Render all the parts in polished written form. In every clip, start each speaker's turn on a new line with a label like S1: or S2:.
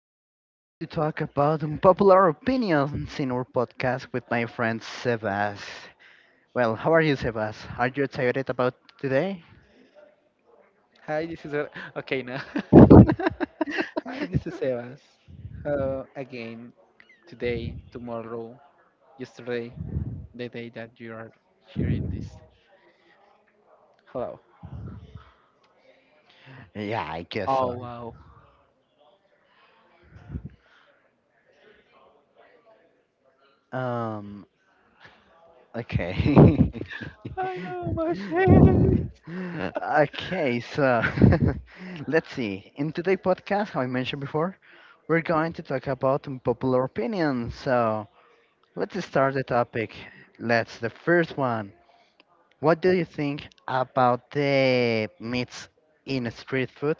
S1: going to talk about unpopular opinions in our podcast with my friend Sebas. Well, how are you, Sebas? Are you excited about today?
S2: Hi, this is okay now. Hi, this is Evans. Hello again today, tomorrow, yesterday, the day that you are hearing this. Hello.
S1: Yeah, I guess
S2: Oh wow.
S1: so. Okay.
S2: I know my face.
S1: Okay, so, let's see. In today's podcast, how I mentioned before, we're going to talk about unpopular opinions. So let's start the topic. Let's the first one. What do you think about the meats in street food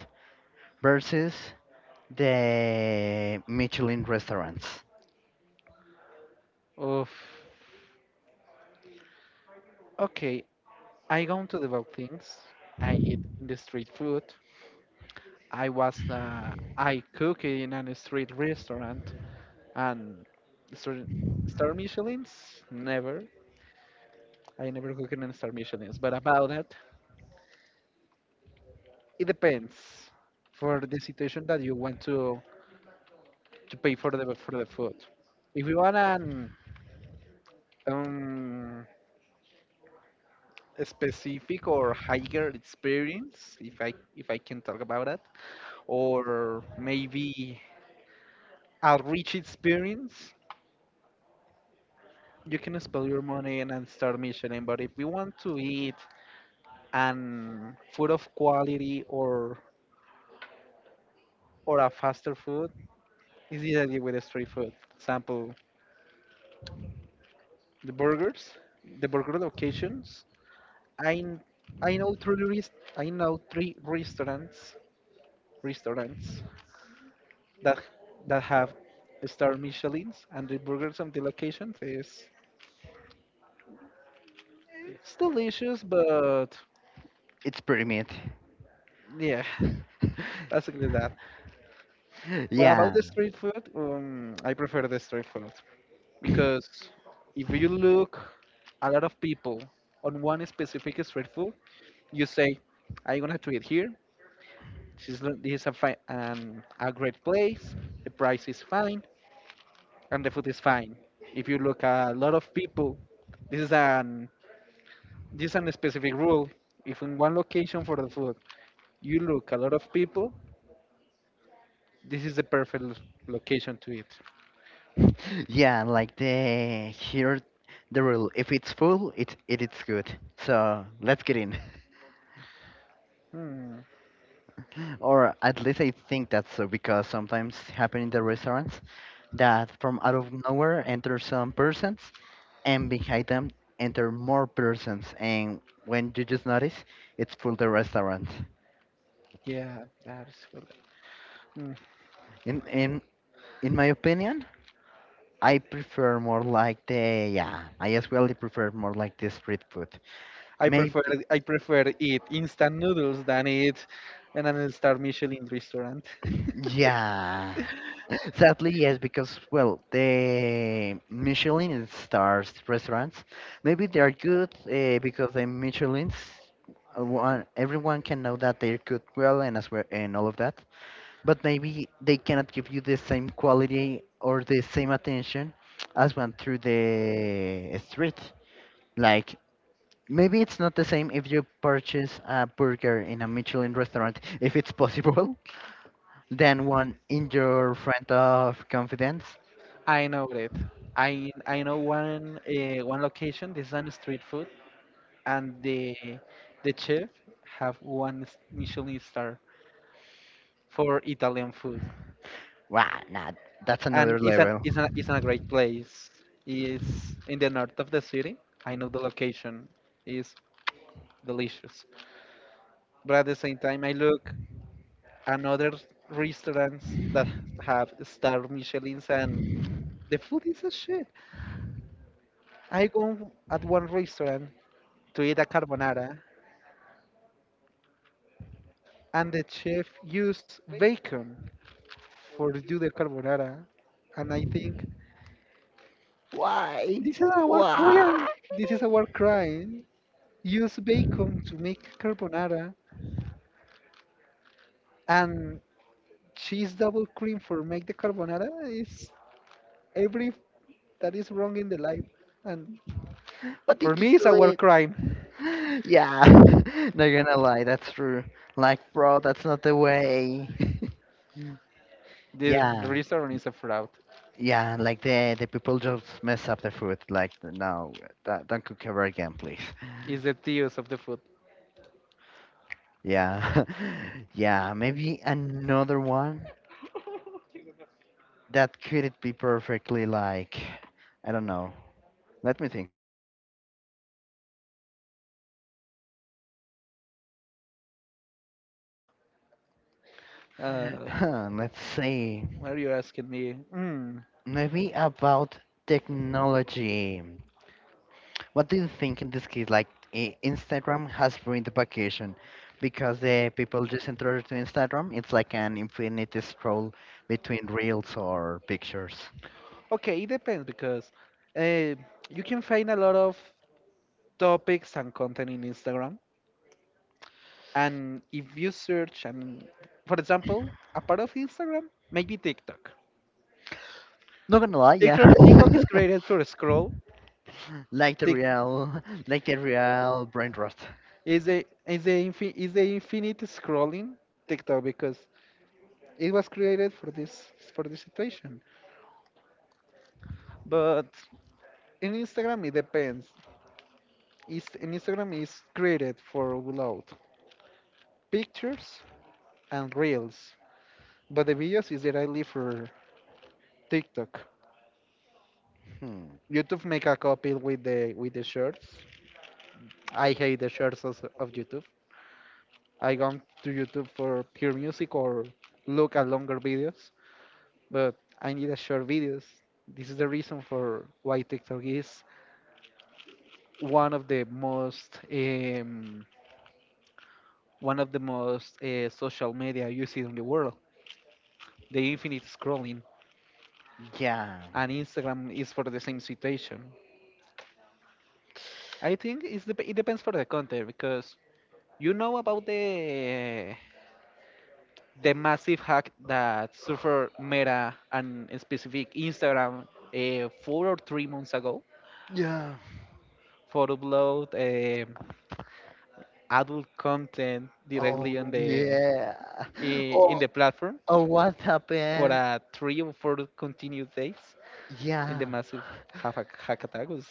S1: versus the Michelin restaurants?
S2: Oof. Okay, I go to the about things. I eat in the street food. I was I cook in a street restaurant and star, star Michelin's never. I never cook in a star Michelin's. But about that, it depends for the situation that you want to pay for the food. If you want an um, a specific or higher experience, if I can talk about that, or maybe a rich experience, you can spend your money and start Michelin. But if you want to eat an food of quality or a faster food, it's easily with the street food. Example, the burgers, the burger locations I kn- I know I know three restaurants that that have star Michelin's and the burgers on the locations is it's delicious, but
S1: It's pretty meat.
S2: yeah, basically that. But about
S1: Yeah,
S2: the street food, I prefer the street food because if you look a lot of people on one specific street food, you say, "I'm gonna to eat here. This is this is a fine, a great place. The price is fine. And the food is fine. If you look at a lot of people, this is an this is a specific rule. If in one location for the food you look a lot of people, this is the perfect location to eat.
S1: yeah. Like the here, the rule. If it's full, it is good. So let's get in.
S2: Hmm.
S1: Or at least I think that's so because sometimes happen in the restaurants that from out of nowhere enter some persons and behind them enter more persons and when you just notice it's full the restaurant.
S2: Yeah, that's good. Hmm.
S1: In in in my opinion, I prefer more like the, yeah, I as well prefer more like the street food.
S2: I
S1: Maybe.
S2: prefer I prefer eat instant noodles than eat in an star Michelin restaurant.
S1: Yeah. Sadly, yes, because well, the Michelin stars restaurants, maybe they are good because the Michelin's, one, everyone can know that they're good, well, and as well, and all of that. But maybe they cannot give you the same quality or the same attention as one through the street. Like, maybe it's not the same if you purchase a burger in a Michelin restaurant, if it's possible, then one in your friend of confidence.
S2: I know that. I know one location. This is on street food, and the chef have one Michelin star for Italian food,
S1: Wow, nah, that's
S2: and
S1: another
S2: it's an
S1: level.
S2: it's a great place. It's in the north of the city. I know the location is delicious, but at the same time, I look another restaurants that have star Michelin's and the food is a shit. I go at one restaurant to eat a carbonara, and the chef used bacon for do the carbonara, and I think
S1: Why?
S2: this is our
S1: Why?
S2: crime. This is our crime. Use bacon to make carbonara and cheese double cream for make the carbonara is every that is wrong in the life. And
S1: What
S2: for
S1: did you
S2: me, it's a
S1: do
S2: war
S1: it?
S2: crime.
S1: Yeah, not gonna lie, that's true. Like, bro, that's not the way.
S2: This
S1: Yeah.
S2: restaurant is a fraud.
S1: Yeah, like the people just mess up the food. Like, no, don't cook ever again, please.
S2: It's the thieves of the food.
S1: Yeah, yeah. Maybe another one that could it be perfectly like, I don't know. Let me think.
S2: Uh,
S1: Huh, let's see.
S2: what are you asking me? Mm.
S1: Maybe about technology. What do you think in this case? Like, Instagram has ruined the vacation because the people just enter to Instagram. It's like an infinite scroll between reels or pictures.
S2: Okay, it depends because uh, you can find a lot of topics and content in Instagram. And if you search, and for example, a part of Instagram, maybe TikTok.
S1: Not gonna lie, yeah.
S2: TikTok is created to scroll.
S1: Like the
S2: Tik
S1: real, like the real brain rot.
S2: is a infi, Is a infinite scrolling TikTok because it was created for this situation. But in Instagram it depends. Is in Instagram is created for upload pictures and reels, but the videos is directly for TikTok.
S1: Hmm.
S2: YouTube make a copy with the shorts. I hate the shorts also of YouTube. I go to YouTube for pure music or look at longer videos, but I need a short videos. This is the reason for why TikTok is one of the most um, one of the most social media used in the world. The infinite scrolling
S1: Yeah.
S2: and Instagram is for the same situation. I think it's dep it depends for the content because you know about the massive hack that suffered Meta and specific Instagram 4 or 3 months ago
S1: Yeah.
S2: for upload adult content directly on
S1: Oh
S2: the
S1: yeah.
S2: in
S1: Oh,
S2: the platform
S1: oh, what
S2: for
S1: happened?
S2: a three or four continued days. In
S1: Yeah.
S2: the massive hack, hack attack was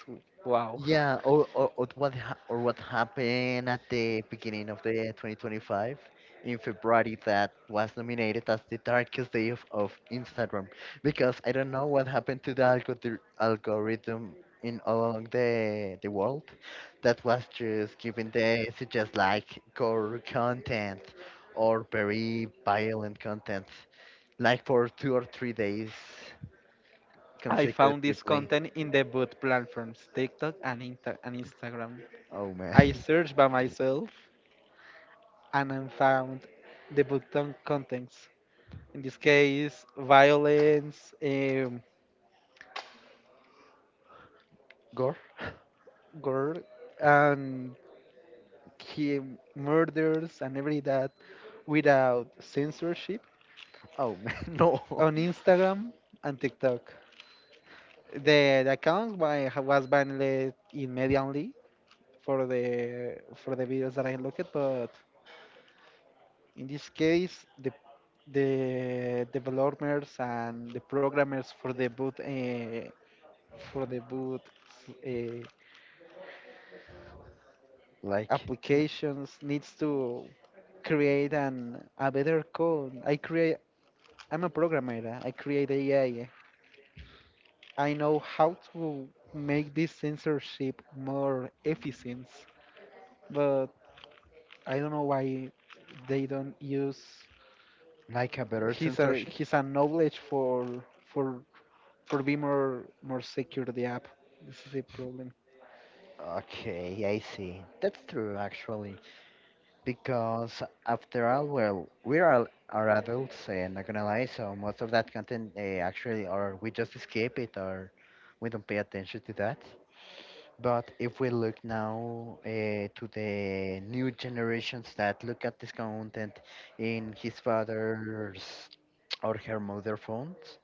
S2: wow.
S1: Yeah, or what ha or what happened at the beginning of the 2025 in February that was nominated as the darkest day of Instagram, because I don't know what happened to the algorithm in all along the world, that was just giving the suggest like gore content or very violent content like for 2 or 3 days
S2: I found this
S1: consecutively.
S2: content in the both platforms, TikTok and, Instagram.
S1: Oh man.
S2: I searched by myself and I found the button contents. In this case, violence,
S1: Gore?
S2: gore, and he murders and every that without censorship
S1: Oh man, no.
S2: on Instagram and TikTok. The account was banned immediately for the videos that I looked at, but in this case, the developers and the programmers for the boot eh,
S1: Like
S2: applications needs to create an a better code. I create. I'm a programmer. I create AI. I know how to make this censorship more efficient, but I don't know why they don't use
S1: like a better censorship?
S2: his knowledge for for for be more secure the app. This is the problem.
S1: Okay, I see. That's true actually. Because after all, well, we are adults and not gonna lie, so most of that content, actually, or we just escape it, or we don't pay attention to that. But if we look now, to the new generations that look at this content in his father's or her mother phones,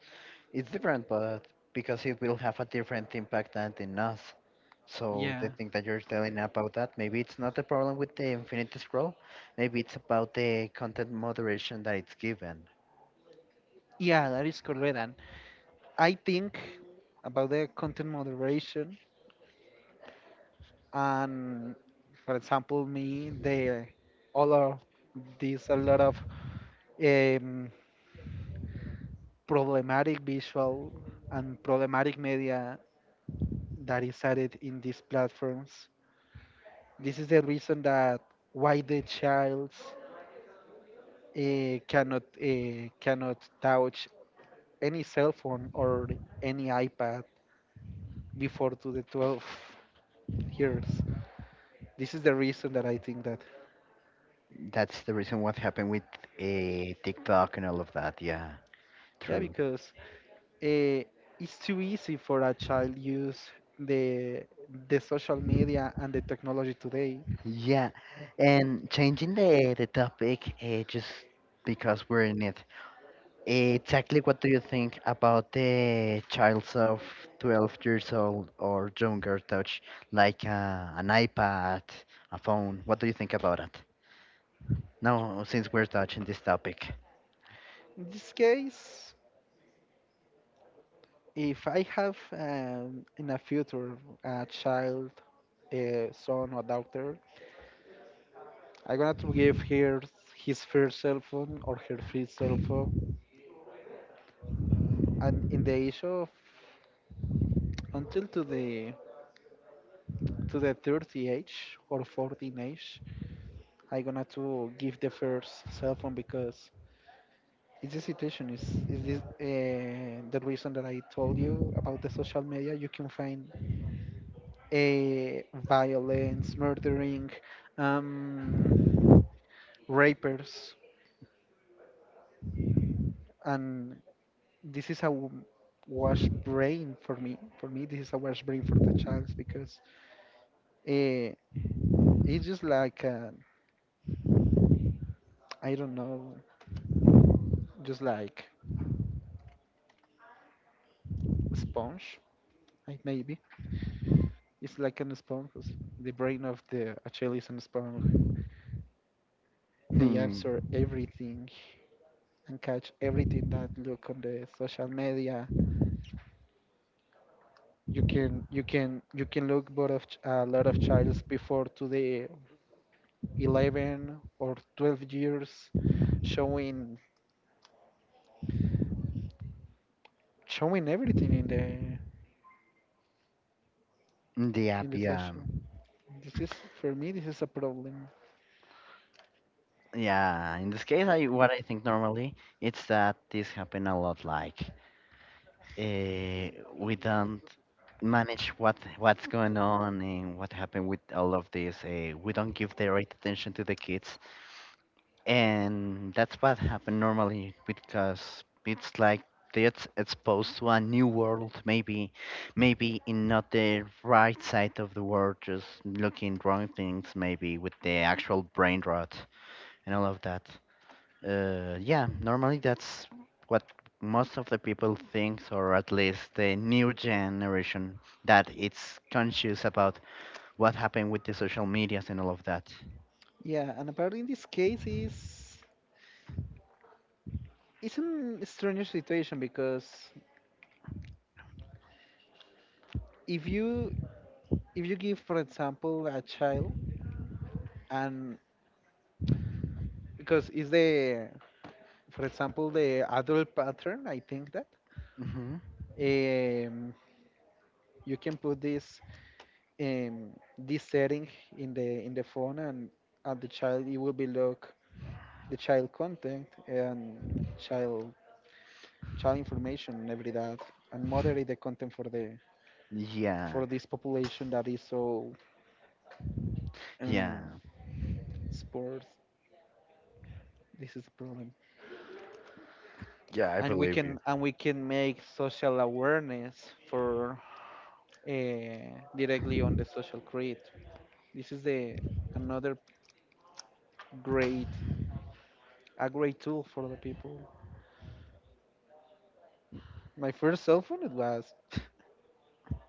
S1: it's different, but because it will have a different impact than in us. So
S2: Yeah.
S1: the thing that you're telling about that, maybe it's not a problem with the infinity scroll. Maybe it's about the content moderation that it's given.
S2: Yeah, that is correct. And I think about the content moderation and, for example, me, the all of these a lot of um, problematic visual and problematic media that is added in these platforms. This is the reason that why the child cannot touch any cell phone or any iPad before to the 12 years. This is the reason that I think that.
S1: That's the reason what happened with, TikTok and all of that. Yeah,
S2: Yeah,
S1: true.
S2: because uh, it's too easy for a child use the the social media and the technology today.
S1: Yeah, and changing the topic, just because we're in it. Exactly, what do you think about the childs of 12 years old or younger touch, like an iPad, a phone? What do you think about it? Now, since we're touching this topic,
S2: In this case, if I have in the future a child, a son or daughter, I'm gonna to give her his first cell phone or her first cell phone, and in the age of until to the 30 age or 14 age, I'm gonna to give the first cell phone because it's the situation. Is this The reason that I told you about the social media? You can find a violence, murdering, um, rapers, and this is a wash brain for me. For me, this is a wash brain for the child because uh, it's just like I don't know, just like a sponge, like maybe. It's like an sponge. 'Cause the brain of the a child is an sponge. They
S1: hmm,
S2: absorb everything and catch everything that look on the social media. You can you can look but of a lot of childs before to the 11 or 12 years showing showing everything
S1: the
S2: in
S1: app,
S2: the
S1: yeah,
S2: social. This is For me this is a problem.
S1: yeah. In this case, I what I think normally it's that this happen a lot, like. We don't manage what's going on and what happened with all of this. We don't give the right attention to the kids, and that's what happened normally because it's like they it's exposed to a new world, maybe, in not the right side of the world, just looking wrong things, maybe with the actual brain rot and all of that. Yeah, normally that's what most of the people thinks, or at least the new generation, that it's conscious about what happened with the social medias and all of that.
S2: Yeah, and about in this case is it's an strange situation because if you if you give for example a child and because it's the for example, the adult pattern, I think that
S1: Hmm.
S2: um, you can put this um, this setting in the phone, and at the child it will be look the child content and child child information and every that, and moderate the content for the
S1: Yeah,
S2: for this population that is so
S1: yeah.
S2: um, sports. This is the problem,
S1: Yeah, I
S2: and
S1: believe you.
S2: we can make social awareness for directly on the social credit. This is the another great a great tool for the people. My first cell phone it was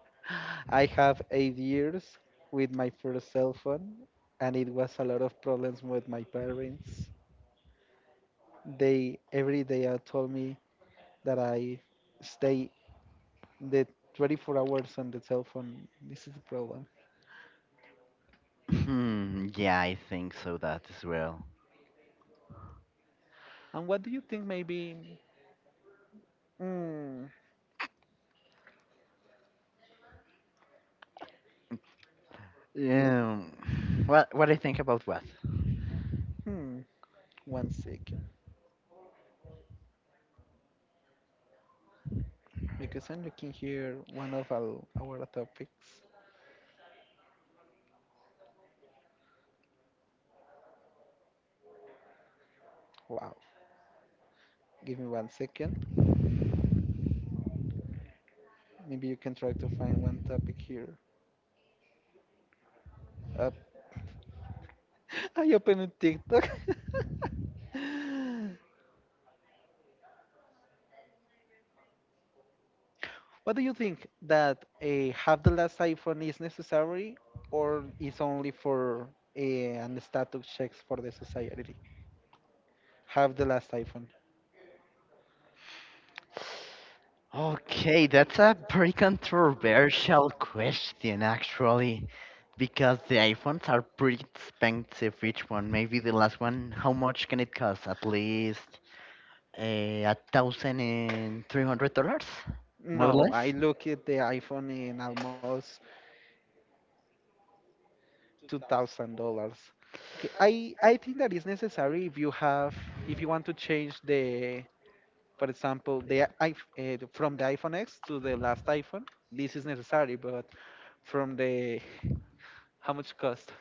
S2: I have 8 years with my first cell phone and it was a lot of problems with my parents. They every day told me that I stay the 24 hours on the cell phone. This is the problem.
S1: Hmm, yeah, I think so that as well.
S2: And what do you think maybe mm,
S1: Yeah. What I think about what?
S2: hmm, 1 second because I'm looking here one of our topics. Wow. Give me 1 second. Maybe you can try to find one topic here. Up. I opened TikTok. What do you think that a have the last iPhone is necessary or is only for an status checks for the society? Have the last iPhone.
S1: Okay, that's a pretty controversial question, actually, because the iPhones are pretty expensive, each one. Maybe the last one, how much can it cost? At least $1,300, more or
S2: No, I
S1: less.
S2: look at the iPhone in almost $2,000. Okay, I think that is necessary if you have if you want to change the. For example, the from the iPhone X to the last iPhone, this is necessary, but from the how much cost?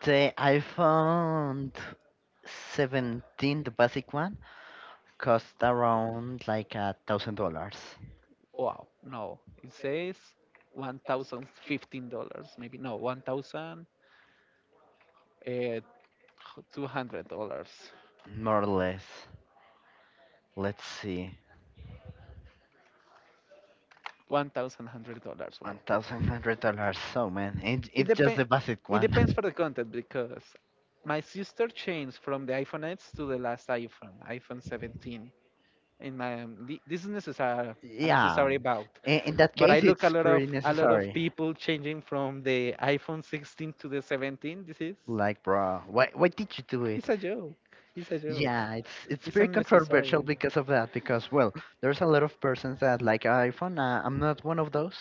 S1: The iPhone 17, the basic one, cost around like $1,000,
S2: Wow, no, it says $1,015, maybe no, 1,000 eh, $200,
S1: more or less. Let's see.
S2: one thousand hundred dollars. Wow,
S1: One thousand hundred dollars, so man, it,
S2: it
S1: it's just the
S2: depends.
S1: basic
S2: It depends
S1: one.
S2: for the content because my sister changed from the iPhone X to the last iPhone, iPhone 17. In my this is necessary, a
S1: Yeah,
S2: necessary bout,
S1: in that
S2: but I
S1: case,
S2: look
S1: it's pretty
S2: a lot of
S1: necessary.
S2: people changing from the iPhone 16 to the 17. This is
S1: Like, bro, why did you do it?
S2: it's a joke, it's a joke,
S1: Yeah, it's
S2: it's
S1: pretty controversial
S2: unnecessary.
S1: because of that. Because well, there's a lot of persons that like iPhone. I'm not one of those,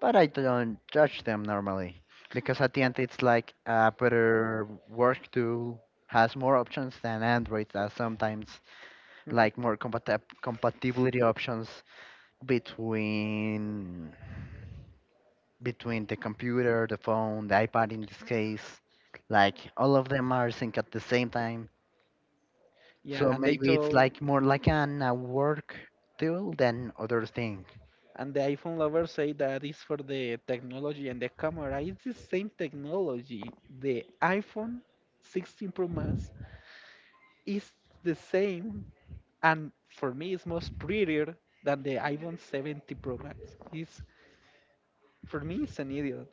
S1: but I don't judge them normally because at the end it's like a better work tool has more options than Android that sometimes
S2: Mhm.
S1: like more compatibility options between between the computer, the phone, the iPad in this case. Like, all of them are synced at the same time.
S2: Yeah,
S1: So
S2: and they
S1: maybe it's
S2: told,
S1: like more like an a work tool than other thing
S2: and the iPhone lovers say that it's for the technology and the camera it's the same technology. The iPhone 16 Pro Max is the same and for me it's more prettier than the iPhone 70 Pro Max. It's for me it's an idiot.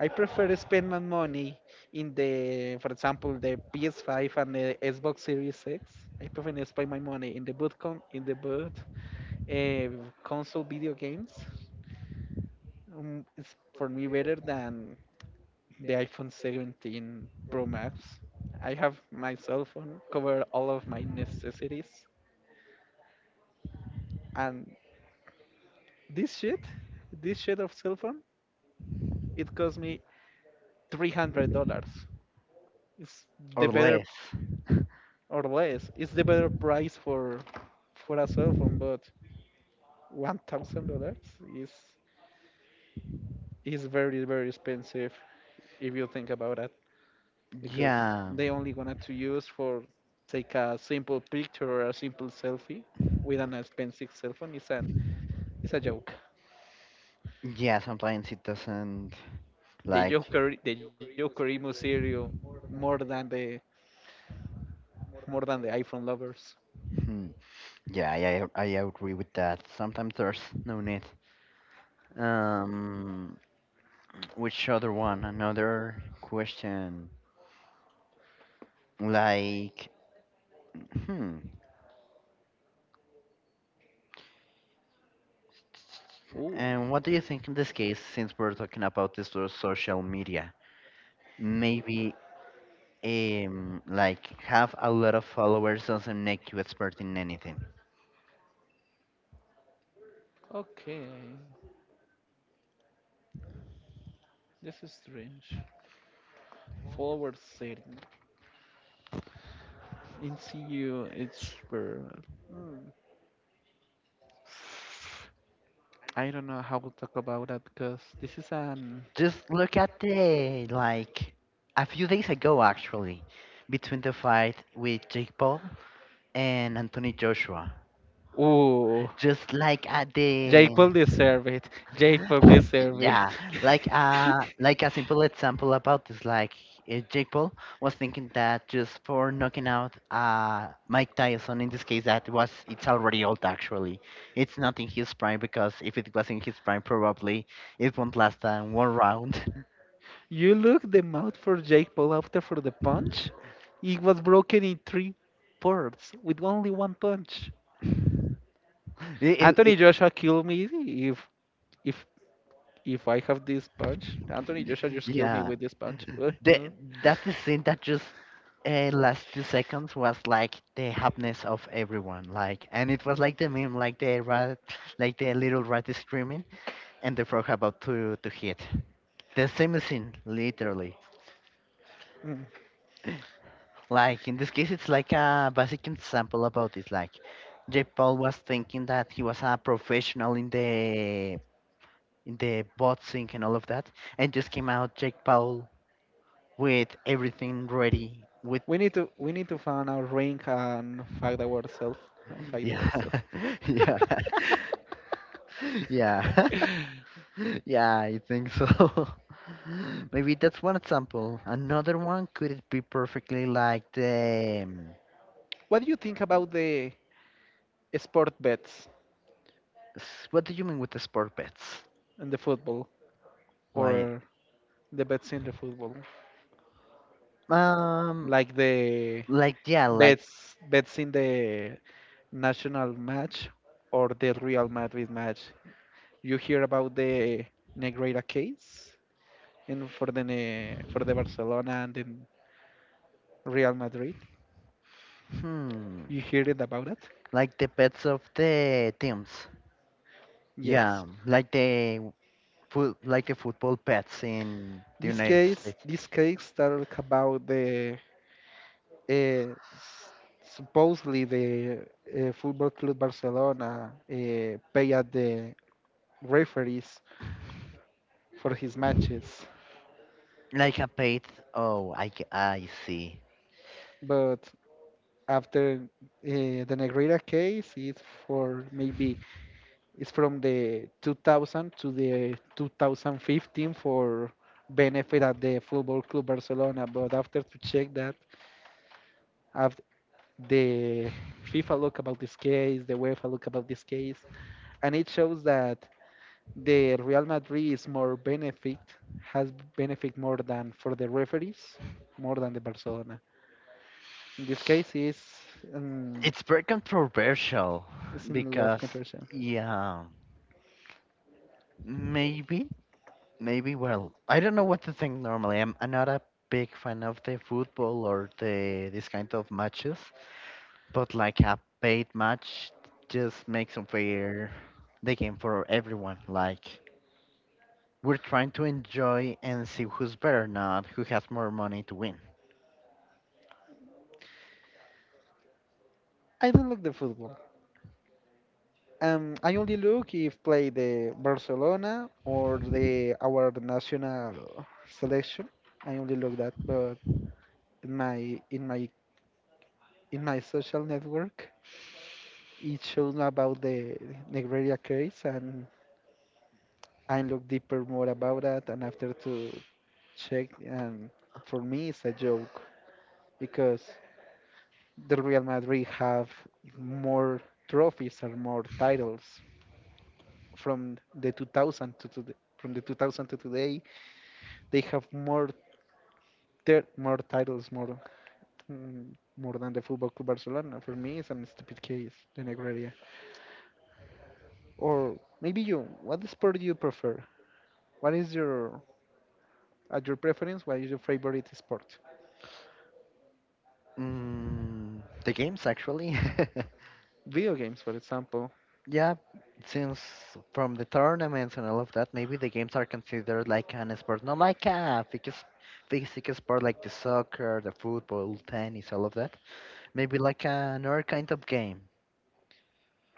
S2: I prefer to spend my money in the, for example, the PS5 and the Xbox Series X. I prefer to spend my money in the boot console video games. It's for me better than the iPhone 17 Pro Max. I have my cell phone cover all of my necessities, and this shit, this shit of cell phone it cost me $300. It's the
S1: or
S2: better
S1: less.
S2: or less. It's the better price for a cell phone, but $1,000 is is very very expensive if you think about it, because
S1: Yeah.
S2: they only wanted to use for take a simple picture or a simple selfie with an expensive cell phone. It's a joke.
S1: Yeah, sometimes it doesn't,
S2: The
S1: like.
S2: Joker the Joker emo serial more than the more than the iPhone lovers.
S1: Hmm. Yeah, I agree with that. Sometimes there's no need. Um, which other one? Another question. Like, hmm.
S2: Oh,
S1: And what do you think in this case, since we're talking about this through social media? Maybe, like, have a lot of followers doesn't make you expert in anything.
S2: okay. This is strange. Forward setting. In CU, it's where. Hmm. I don't know how to talk about that because this is an.
S1: Just look at the, like, a few days ago, actually, between the fight with Jake Paul and Anthony Joshua.
S2: Ooh.
S1: Just like at the.
S2: Jake Paul deserve it.
S1: Yeah, like, like a simple example about this, like, Jake Paul was thinking that just for knocking out Mike Tyson, in this case that was it's already old, actually, it's not in his prime, because if it was in his prime probably it won't last than one round.
S2: You look the mouth for Jake Paul after for the punch. It was broken in three parts with only one punch.
S1: It-
S2: Anthony
S1: it-
S2: Joshua killed me if if I have this punch. Anthony Joshua just killed me
S1: yeah,
S2: with this punch.
S1: the that is scene that just, last 2 seconds was like the happiness of everyone, like, and it was like the meme, like the rat, like the little rat is screaming and the frog about to hit the same scene, literally.
S2: Mhm. Mm.
S1: Like, in this case it's like a basic example about this, like J Paul was thinking that he was a professional in the boxing and all of that, and just came out Jake Paul with everything ready with.
S2: We need to find our ring and fight ourselves. No, fight ourselves.
S1: Yeah. Yeah. Yeah. Yeah, I think so. Maybe that's one example. Another one, could it be perfectly like the,
S2: What do you think about the sport bets
S1: what do you mean with the sport bets?
S2: in the football
S1: Like,
S2: or the bets in the football,
S1: um
S2: like the
S1: like, yeah, like,
S2: bets in the national match or the Real Madrid match. You hear about the Negreira case, and for the for the Barcelona and then Real Madrid,
S1: hmm
S2: you hear it about it.
S1: like the bets of the teams.
S2: Yes,
S1: Yeah, like the foot like the football bets in the
S2: this
S1: United
S2: case
S1: States.
S2: this case talk about the uh, s- supposedly the Football Club Barcelona pay at the referees for his matches.
S1: Like a paid. Oh, I see.
S2: But after the Negrera case it's for maybe it's from the 2000 to the 2015 for benefit at the Football Club Barcelona. But after to check that, after the FIFA look about this case, the UEFA look about this case, and it shows that the Real Madrid is more benefit has benefit more than for the referees, more than the Barcelona. In this case, is um,
S1: It's very controversial
S2: it's in a lot of
S1: because,
S2: controversy.
S1: yeah, maybe, maybe, well, I don't know what to think normally. I'm not a big fan of the football or the this kind of matches, but like a paid match just makes unfair the game for everyone. Like, we're trying to enjoy and see who's better, not who has more money to win.
S2: I don't like the football. I only look if play the Barcelona or the our national selection. I only look that, but in my in my in my social network, it shows me about the Negreira case, and I look deeper more about that. And after to check, and for me, it's a joke because the Real Madrid have more trophies and more titles from the 2000 to today, from the 2000 to today, they have more more titles, mm, more than the Football Club Barcelona. For me, it's an stupid case, the Negreira. Or maybe you, what sport do you prefer? What is your at your preference? What is your favorite sport?
S1: Mm, the games, actually.
S2: Video games, for example.
S1: Yeah, since from the tournaments and all of that, maybe the games are considered like an sport, not like a physical sport like the soccer, the football, tennis, all of that. Maybe like another kind of game.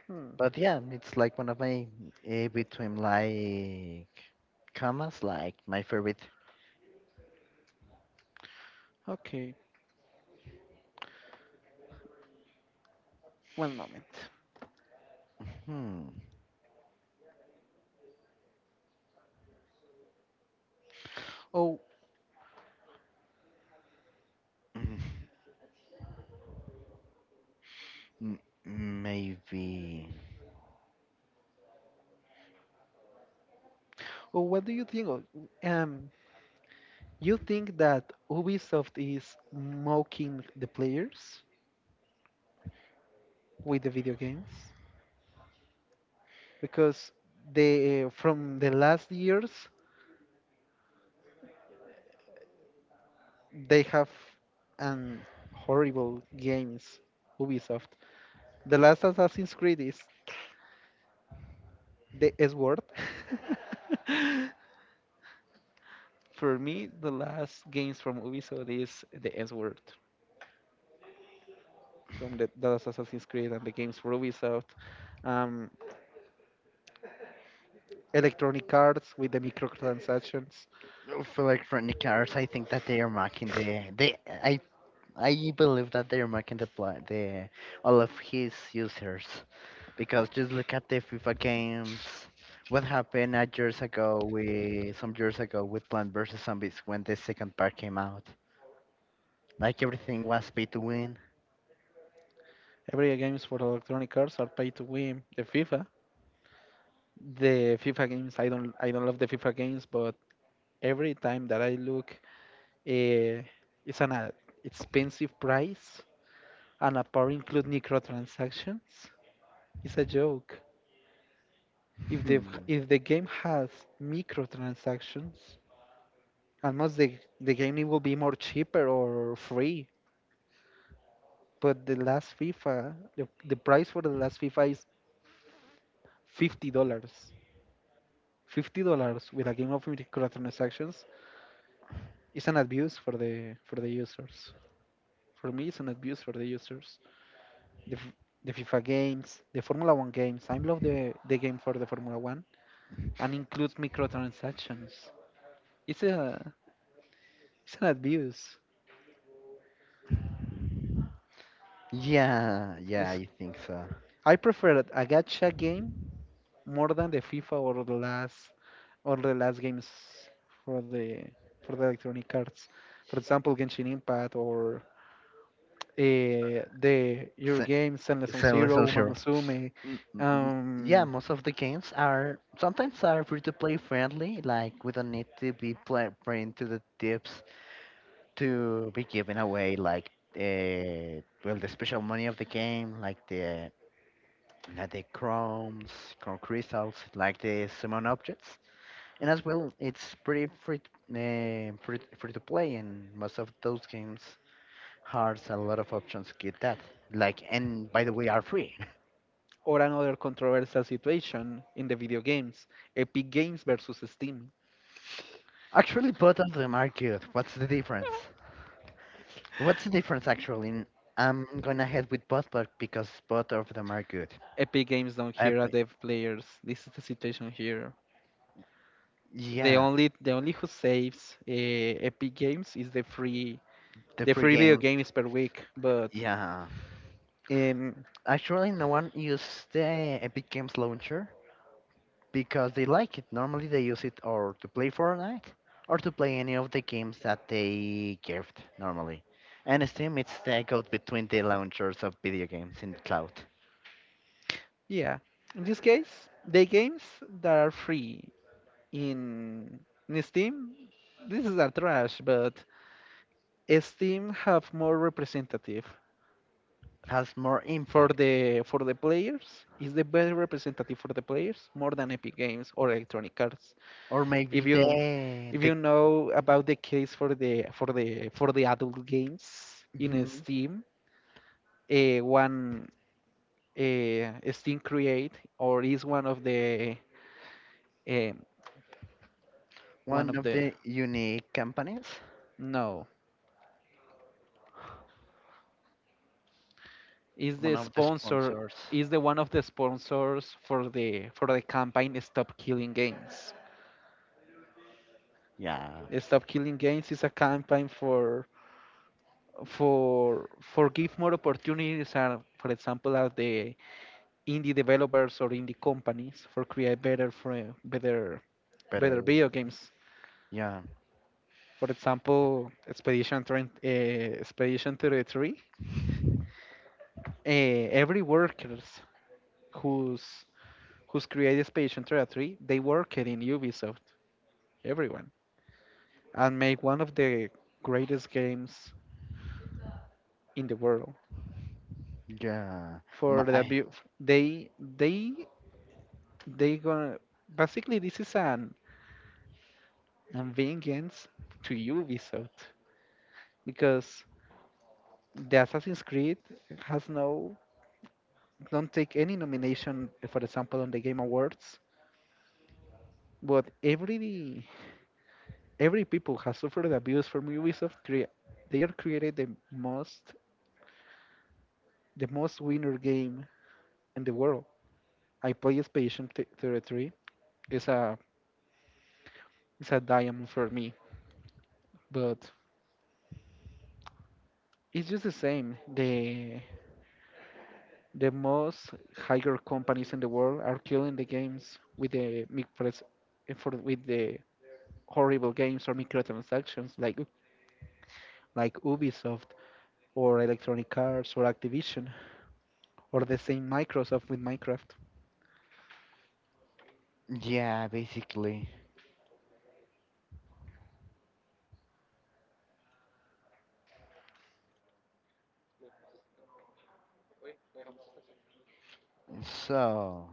S2: Hmm.
S1: But yeah, it's like one of my, between like commas, like my favorite.
S2: Okay, one moment.
S1: Hmm.
S2: Oh,
S1: mm, m- Maybe.
S2: oh, what do you think? Um, you think that Ubisoft is mocking the players with the video games because they from the last years they have an horrible games Ubisoft. The last Assassin's Creed is the S word. For me, the last games from Ubisoft is the S word from the last Assassin's Creed and the games for Ubisoft. Um, Electronic Arts with the microtransactions.
S1: Oh, for like Electronic Arts, I think that they are marking the they. I I believe that they're marking the pla the all of his users because just look at the FIFA games. What happened a years ago with some years ago with Plant vs Zombies when the second part came out? Like everything was pay to win.
S2: Every games for Electronic Arts are pay to win. The FIFA games. I don't love the FIFA games, but every time that I look, uh, it's an expensive price and a part include microtransactions. It's a joke. If the
S1: Hmm.
S2: if the game has microtransactions, almost the game it will be more cheaper or free. But the last FIFA, the price for the last FIFA is $50. $50 with a game of microtransactions is an abuse for the users. For me, it's an abuse for the users. The, f- the FIFA games, the Formula One games. I love the game for the Formula One and includes microtransactions. It's a it's an abuse.
S1: Yeah, yeah,
S2: It's,
S1: I think so.
S2: I prefer a gacha game more than the FIFA or the last games for the for the electronic arts. For example, Genshin Impact or the your
S1: Se-
S2: games Zenless on Zero,
S1: Celestial
S2: Uma
S1: Heroes.
S2: Musume.
S1: Mm, mm, mm. Yeah,
S2: Um,
S1: most of the games are sometimes are free to play friendly. Like, we don't need to be playing to the tips to be giving away, like, well, the special money of the game, like the not the chrome crystals, like the summon objects, and as well it's pretty free, free to play, and most of those games has a lot of options to get that. Like, and by the way are free.
S2: or another controversial situation in the video games, Epic Games versus Steam.
S1: Actually, both of them are good. What's the difference? What's the difference actually? I'm gonna head with both, but because both of them are good.
S2: Epic Games don't
S1: Uh,
S2: hear a dev players. This is the situation here. The
S1: yeah,
S2: only the only who saves Epic Games is
S1: the
S2: the
S1: free
S2: free video
S1: game.
S2: games per week. But
S1: Yeah,
S2: um,
S1: actually, no one used the Epic Games launcher because they like it. Normally, they use it or to play Fortnite or to play any of the games that they gift normally. And Steam, it's the code between the launchers of video games in the cloud.
S2: yeah, in this case, the games that are free in, in Steam, this is a trash. But Steam have more representative
S1: Has more
S2: for
S1: impact,
S2: the players is the best representative for the players more than Epic Games or Electronic Arts
S1: or maybe
S2: if you
S1: the the
S2: know about the case for the for the for the adult games in
S1: mhm,
S2: Steam. One Steam create or is um, one
S1: one
S2: of
S1: of
S2: the
S1: the unique companies,
S2: no is
S1: one
S2: the
S1: of the
S2: sponsor
S1: sponsors.
S2: is the one of the sponsors for the campaign stop killing games.
S1: Yeah,
S2: Stop killing games is a campaign for give more opportunities are for example are the indie developers or indie companies for create better for better
S1: better.
S2: video games.
S1: Yeah,
S2: For example expedition 20, expedition 33, every workers who's who's created expedition 33 they worked in Ubisoft everyone and make one of the greatest games in the world.
S1: yeah.
S2: for the
S1: I.
S2: abu- they they they gonna basically this is an and vengeance to Ubisoft because the Assassin's Creed has no don't take any nomination, for example, on the Game Awards. But every people has suffered abuse from Ubisoft. They are created the most winner game in the world. I play 33. It's a it's a diamond for me, but it's just the same. The most higher companies in the world are killing the games with the micropres- for with the horrible games or microtransactions like Ubisoft or Electronic Arts or Activision or the same Microsoft with Minecraft.
S1: Yeah, basically. So,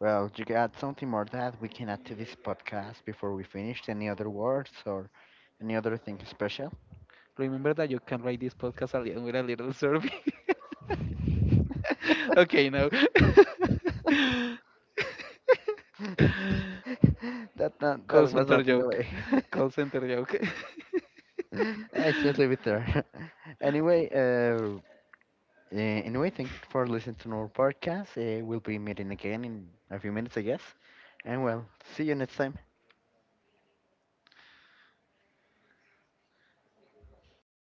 S1: well, you got something more that we can add to this podcast before we finish? Any other words or any other thing special?
S2: Remember that you can write this podcast a little, with a little survey. Okay, now. Call
S1: That was
S2: center
S1: not in the
S2: joke.
S1: way.
S2: Call center joke.
S1: I should leave it there. Anyway, anyway, thanks for listening to our podcast. We'll be meeting again in a few minutes, I guess. And well, see you next time.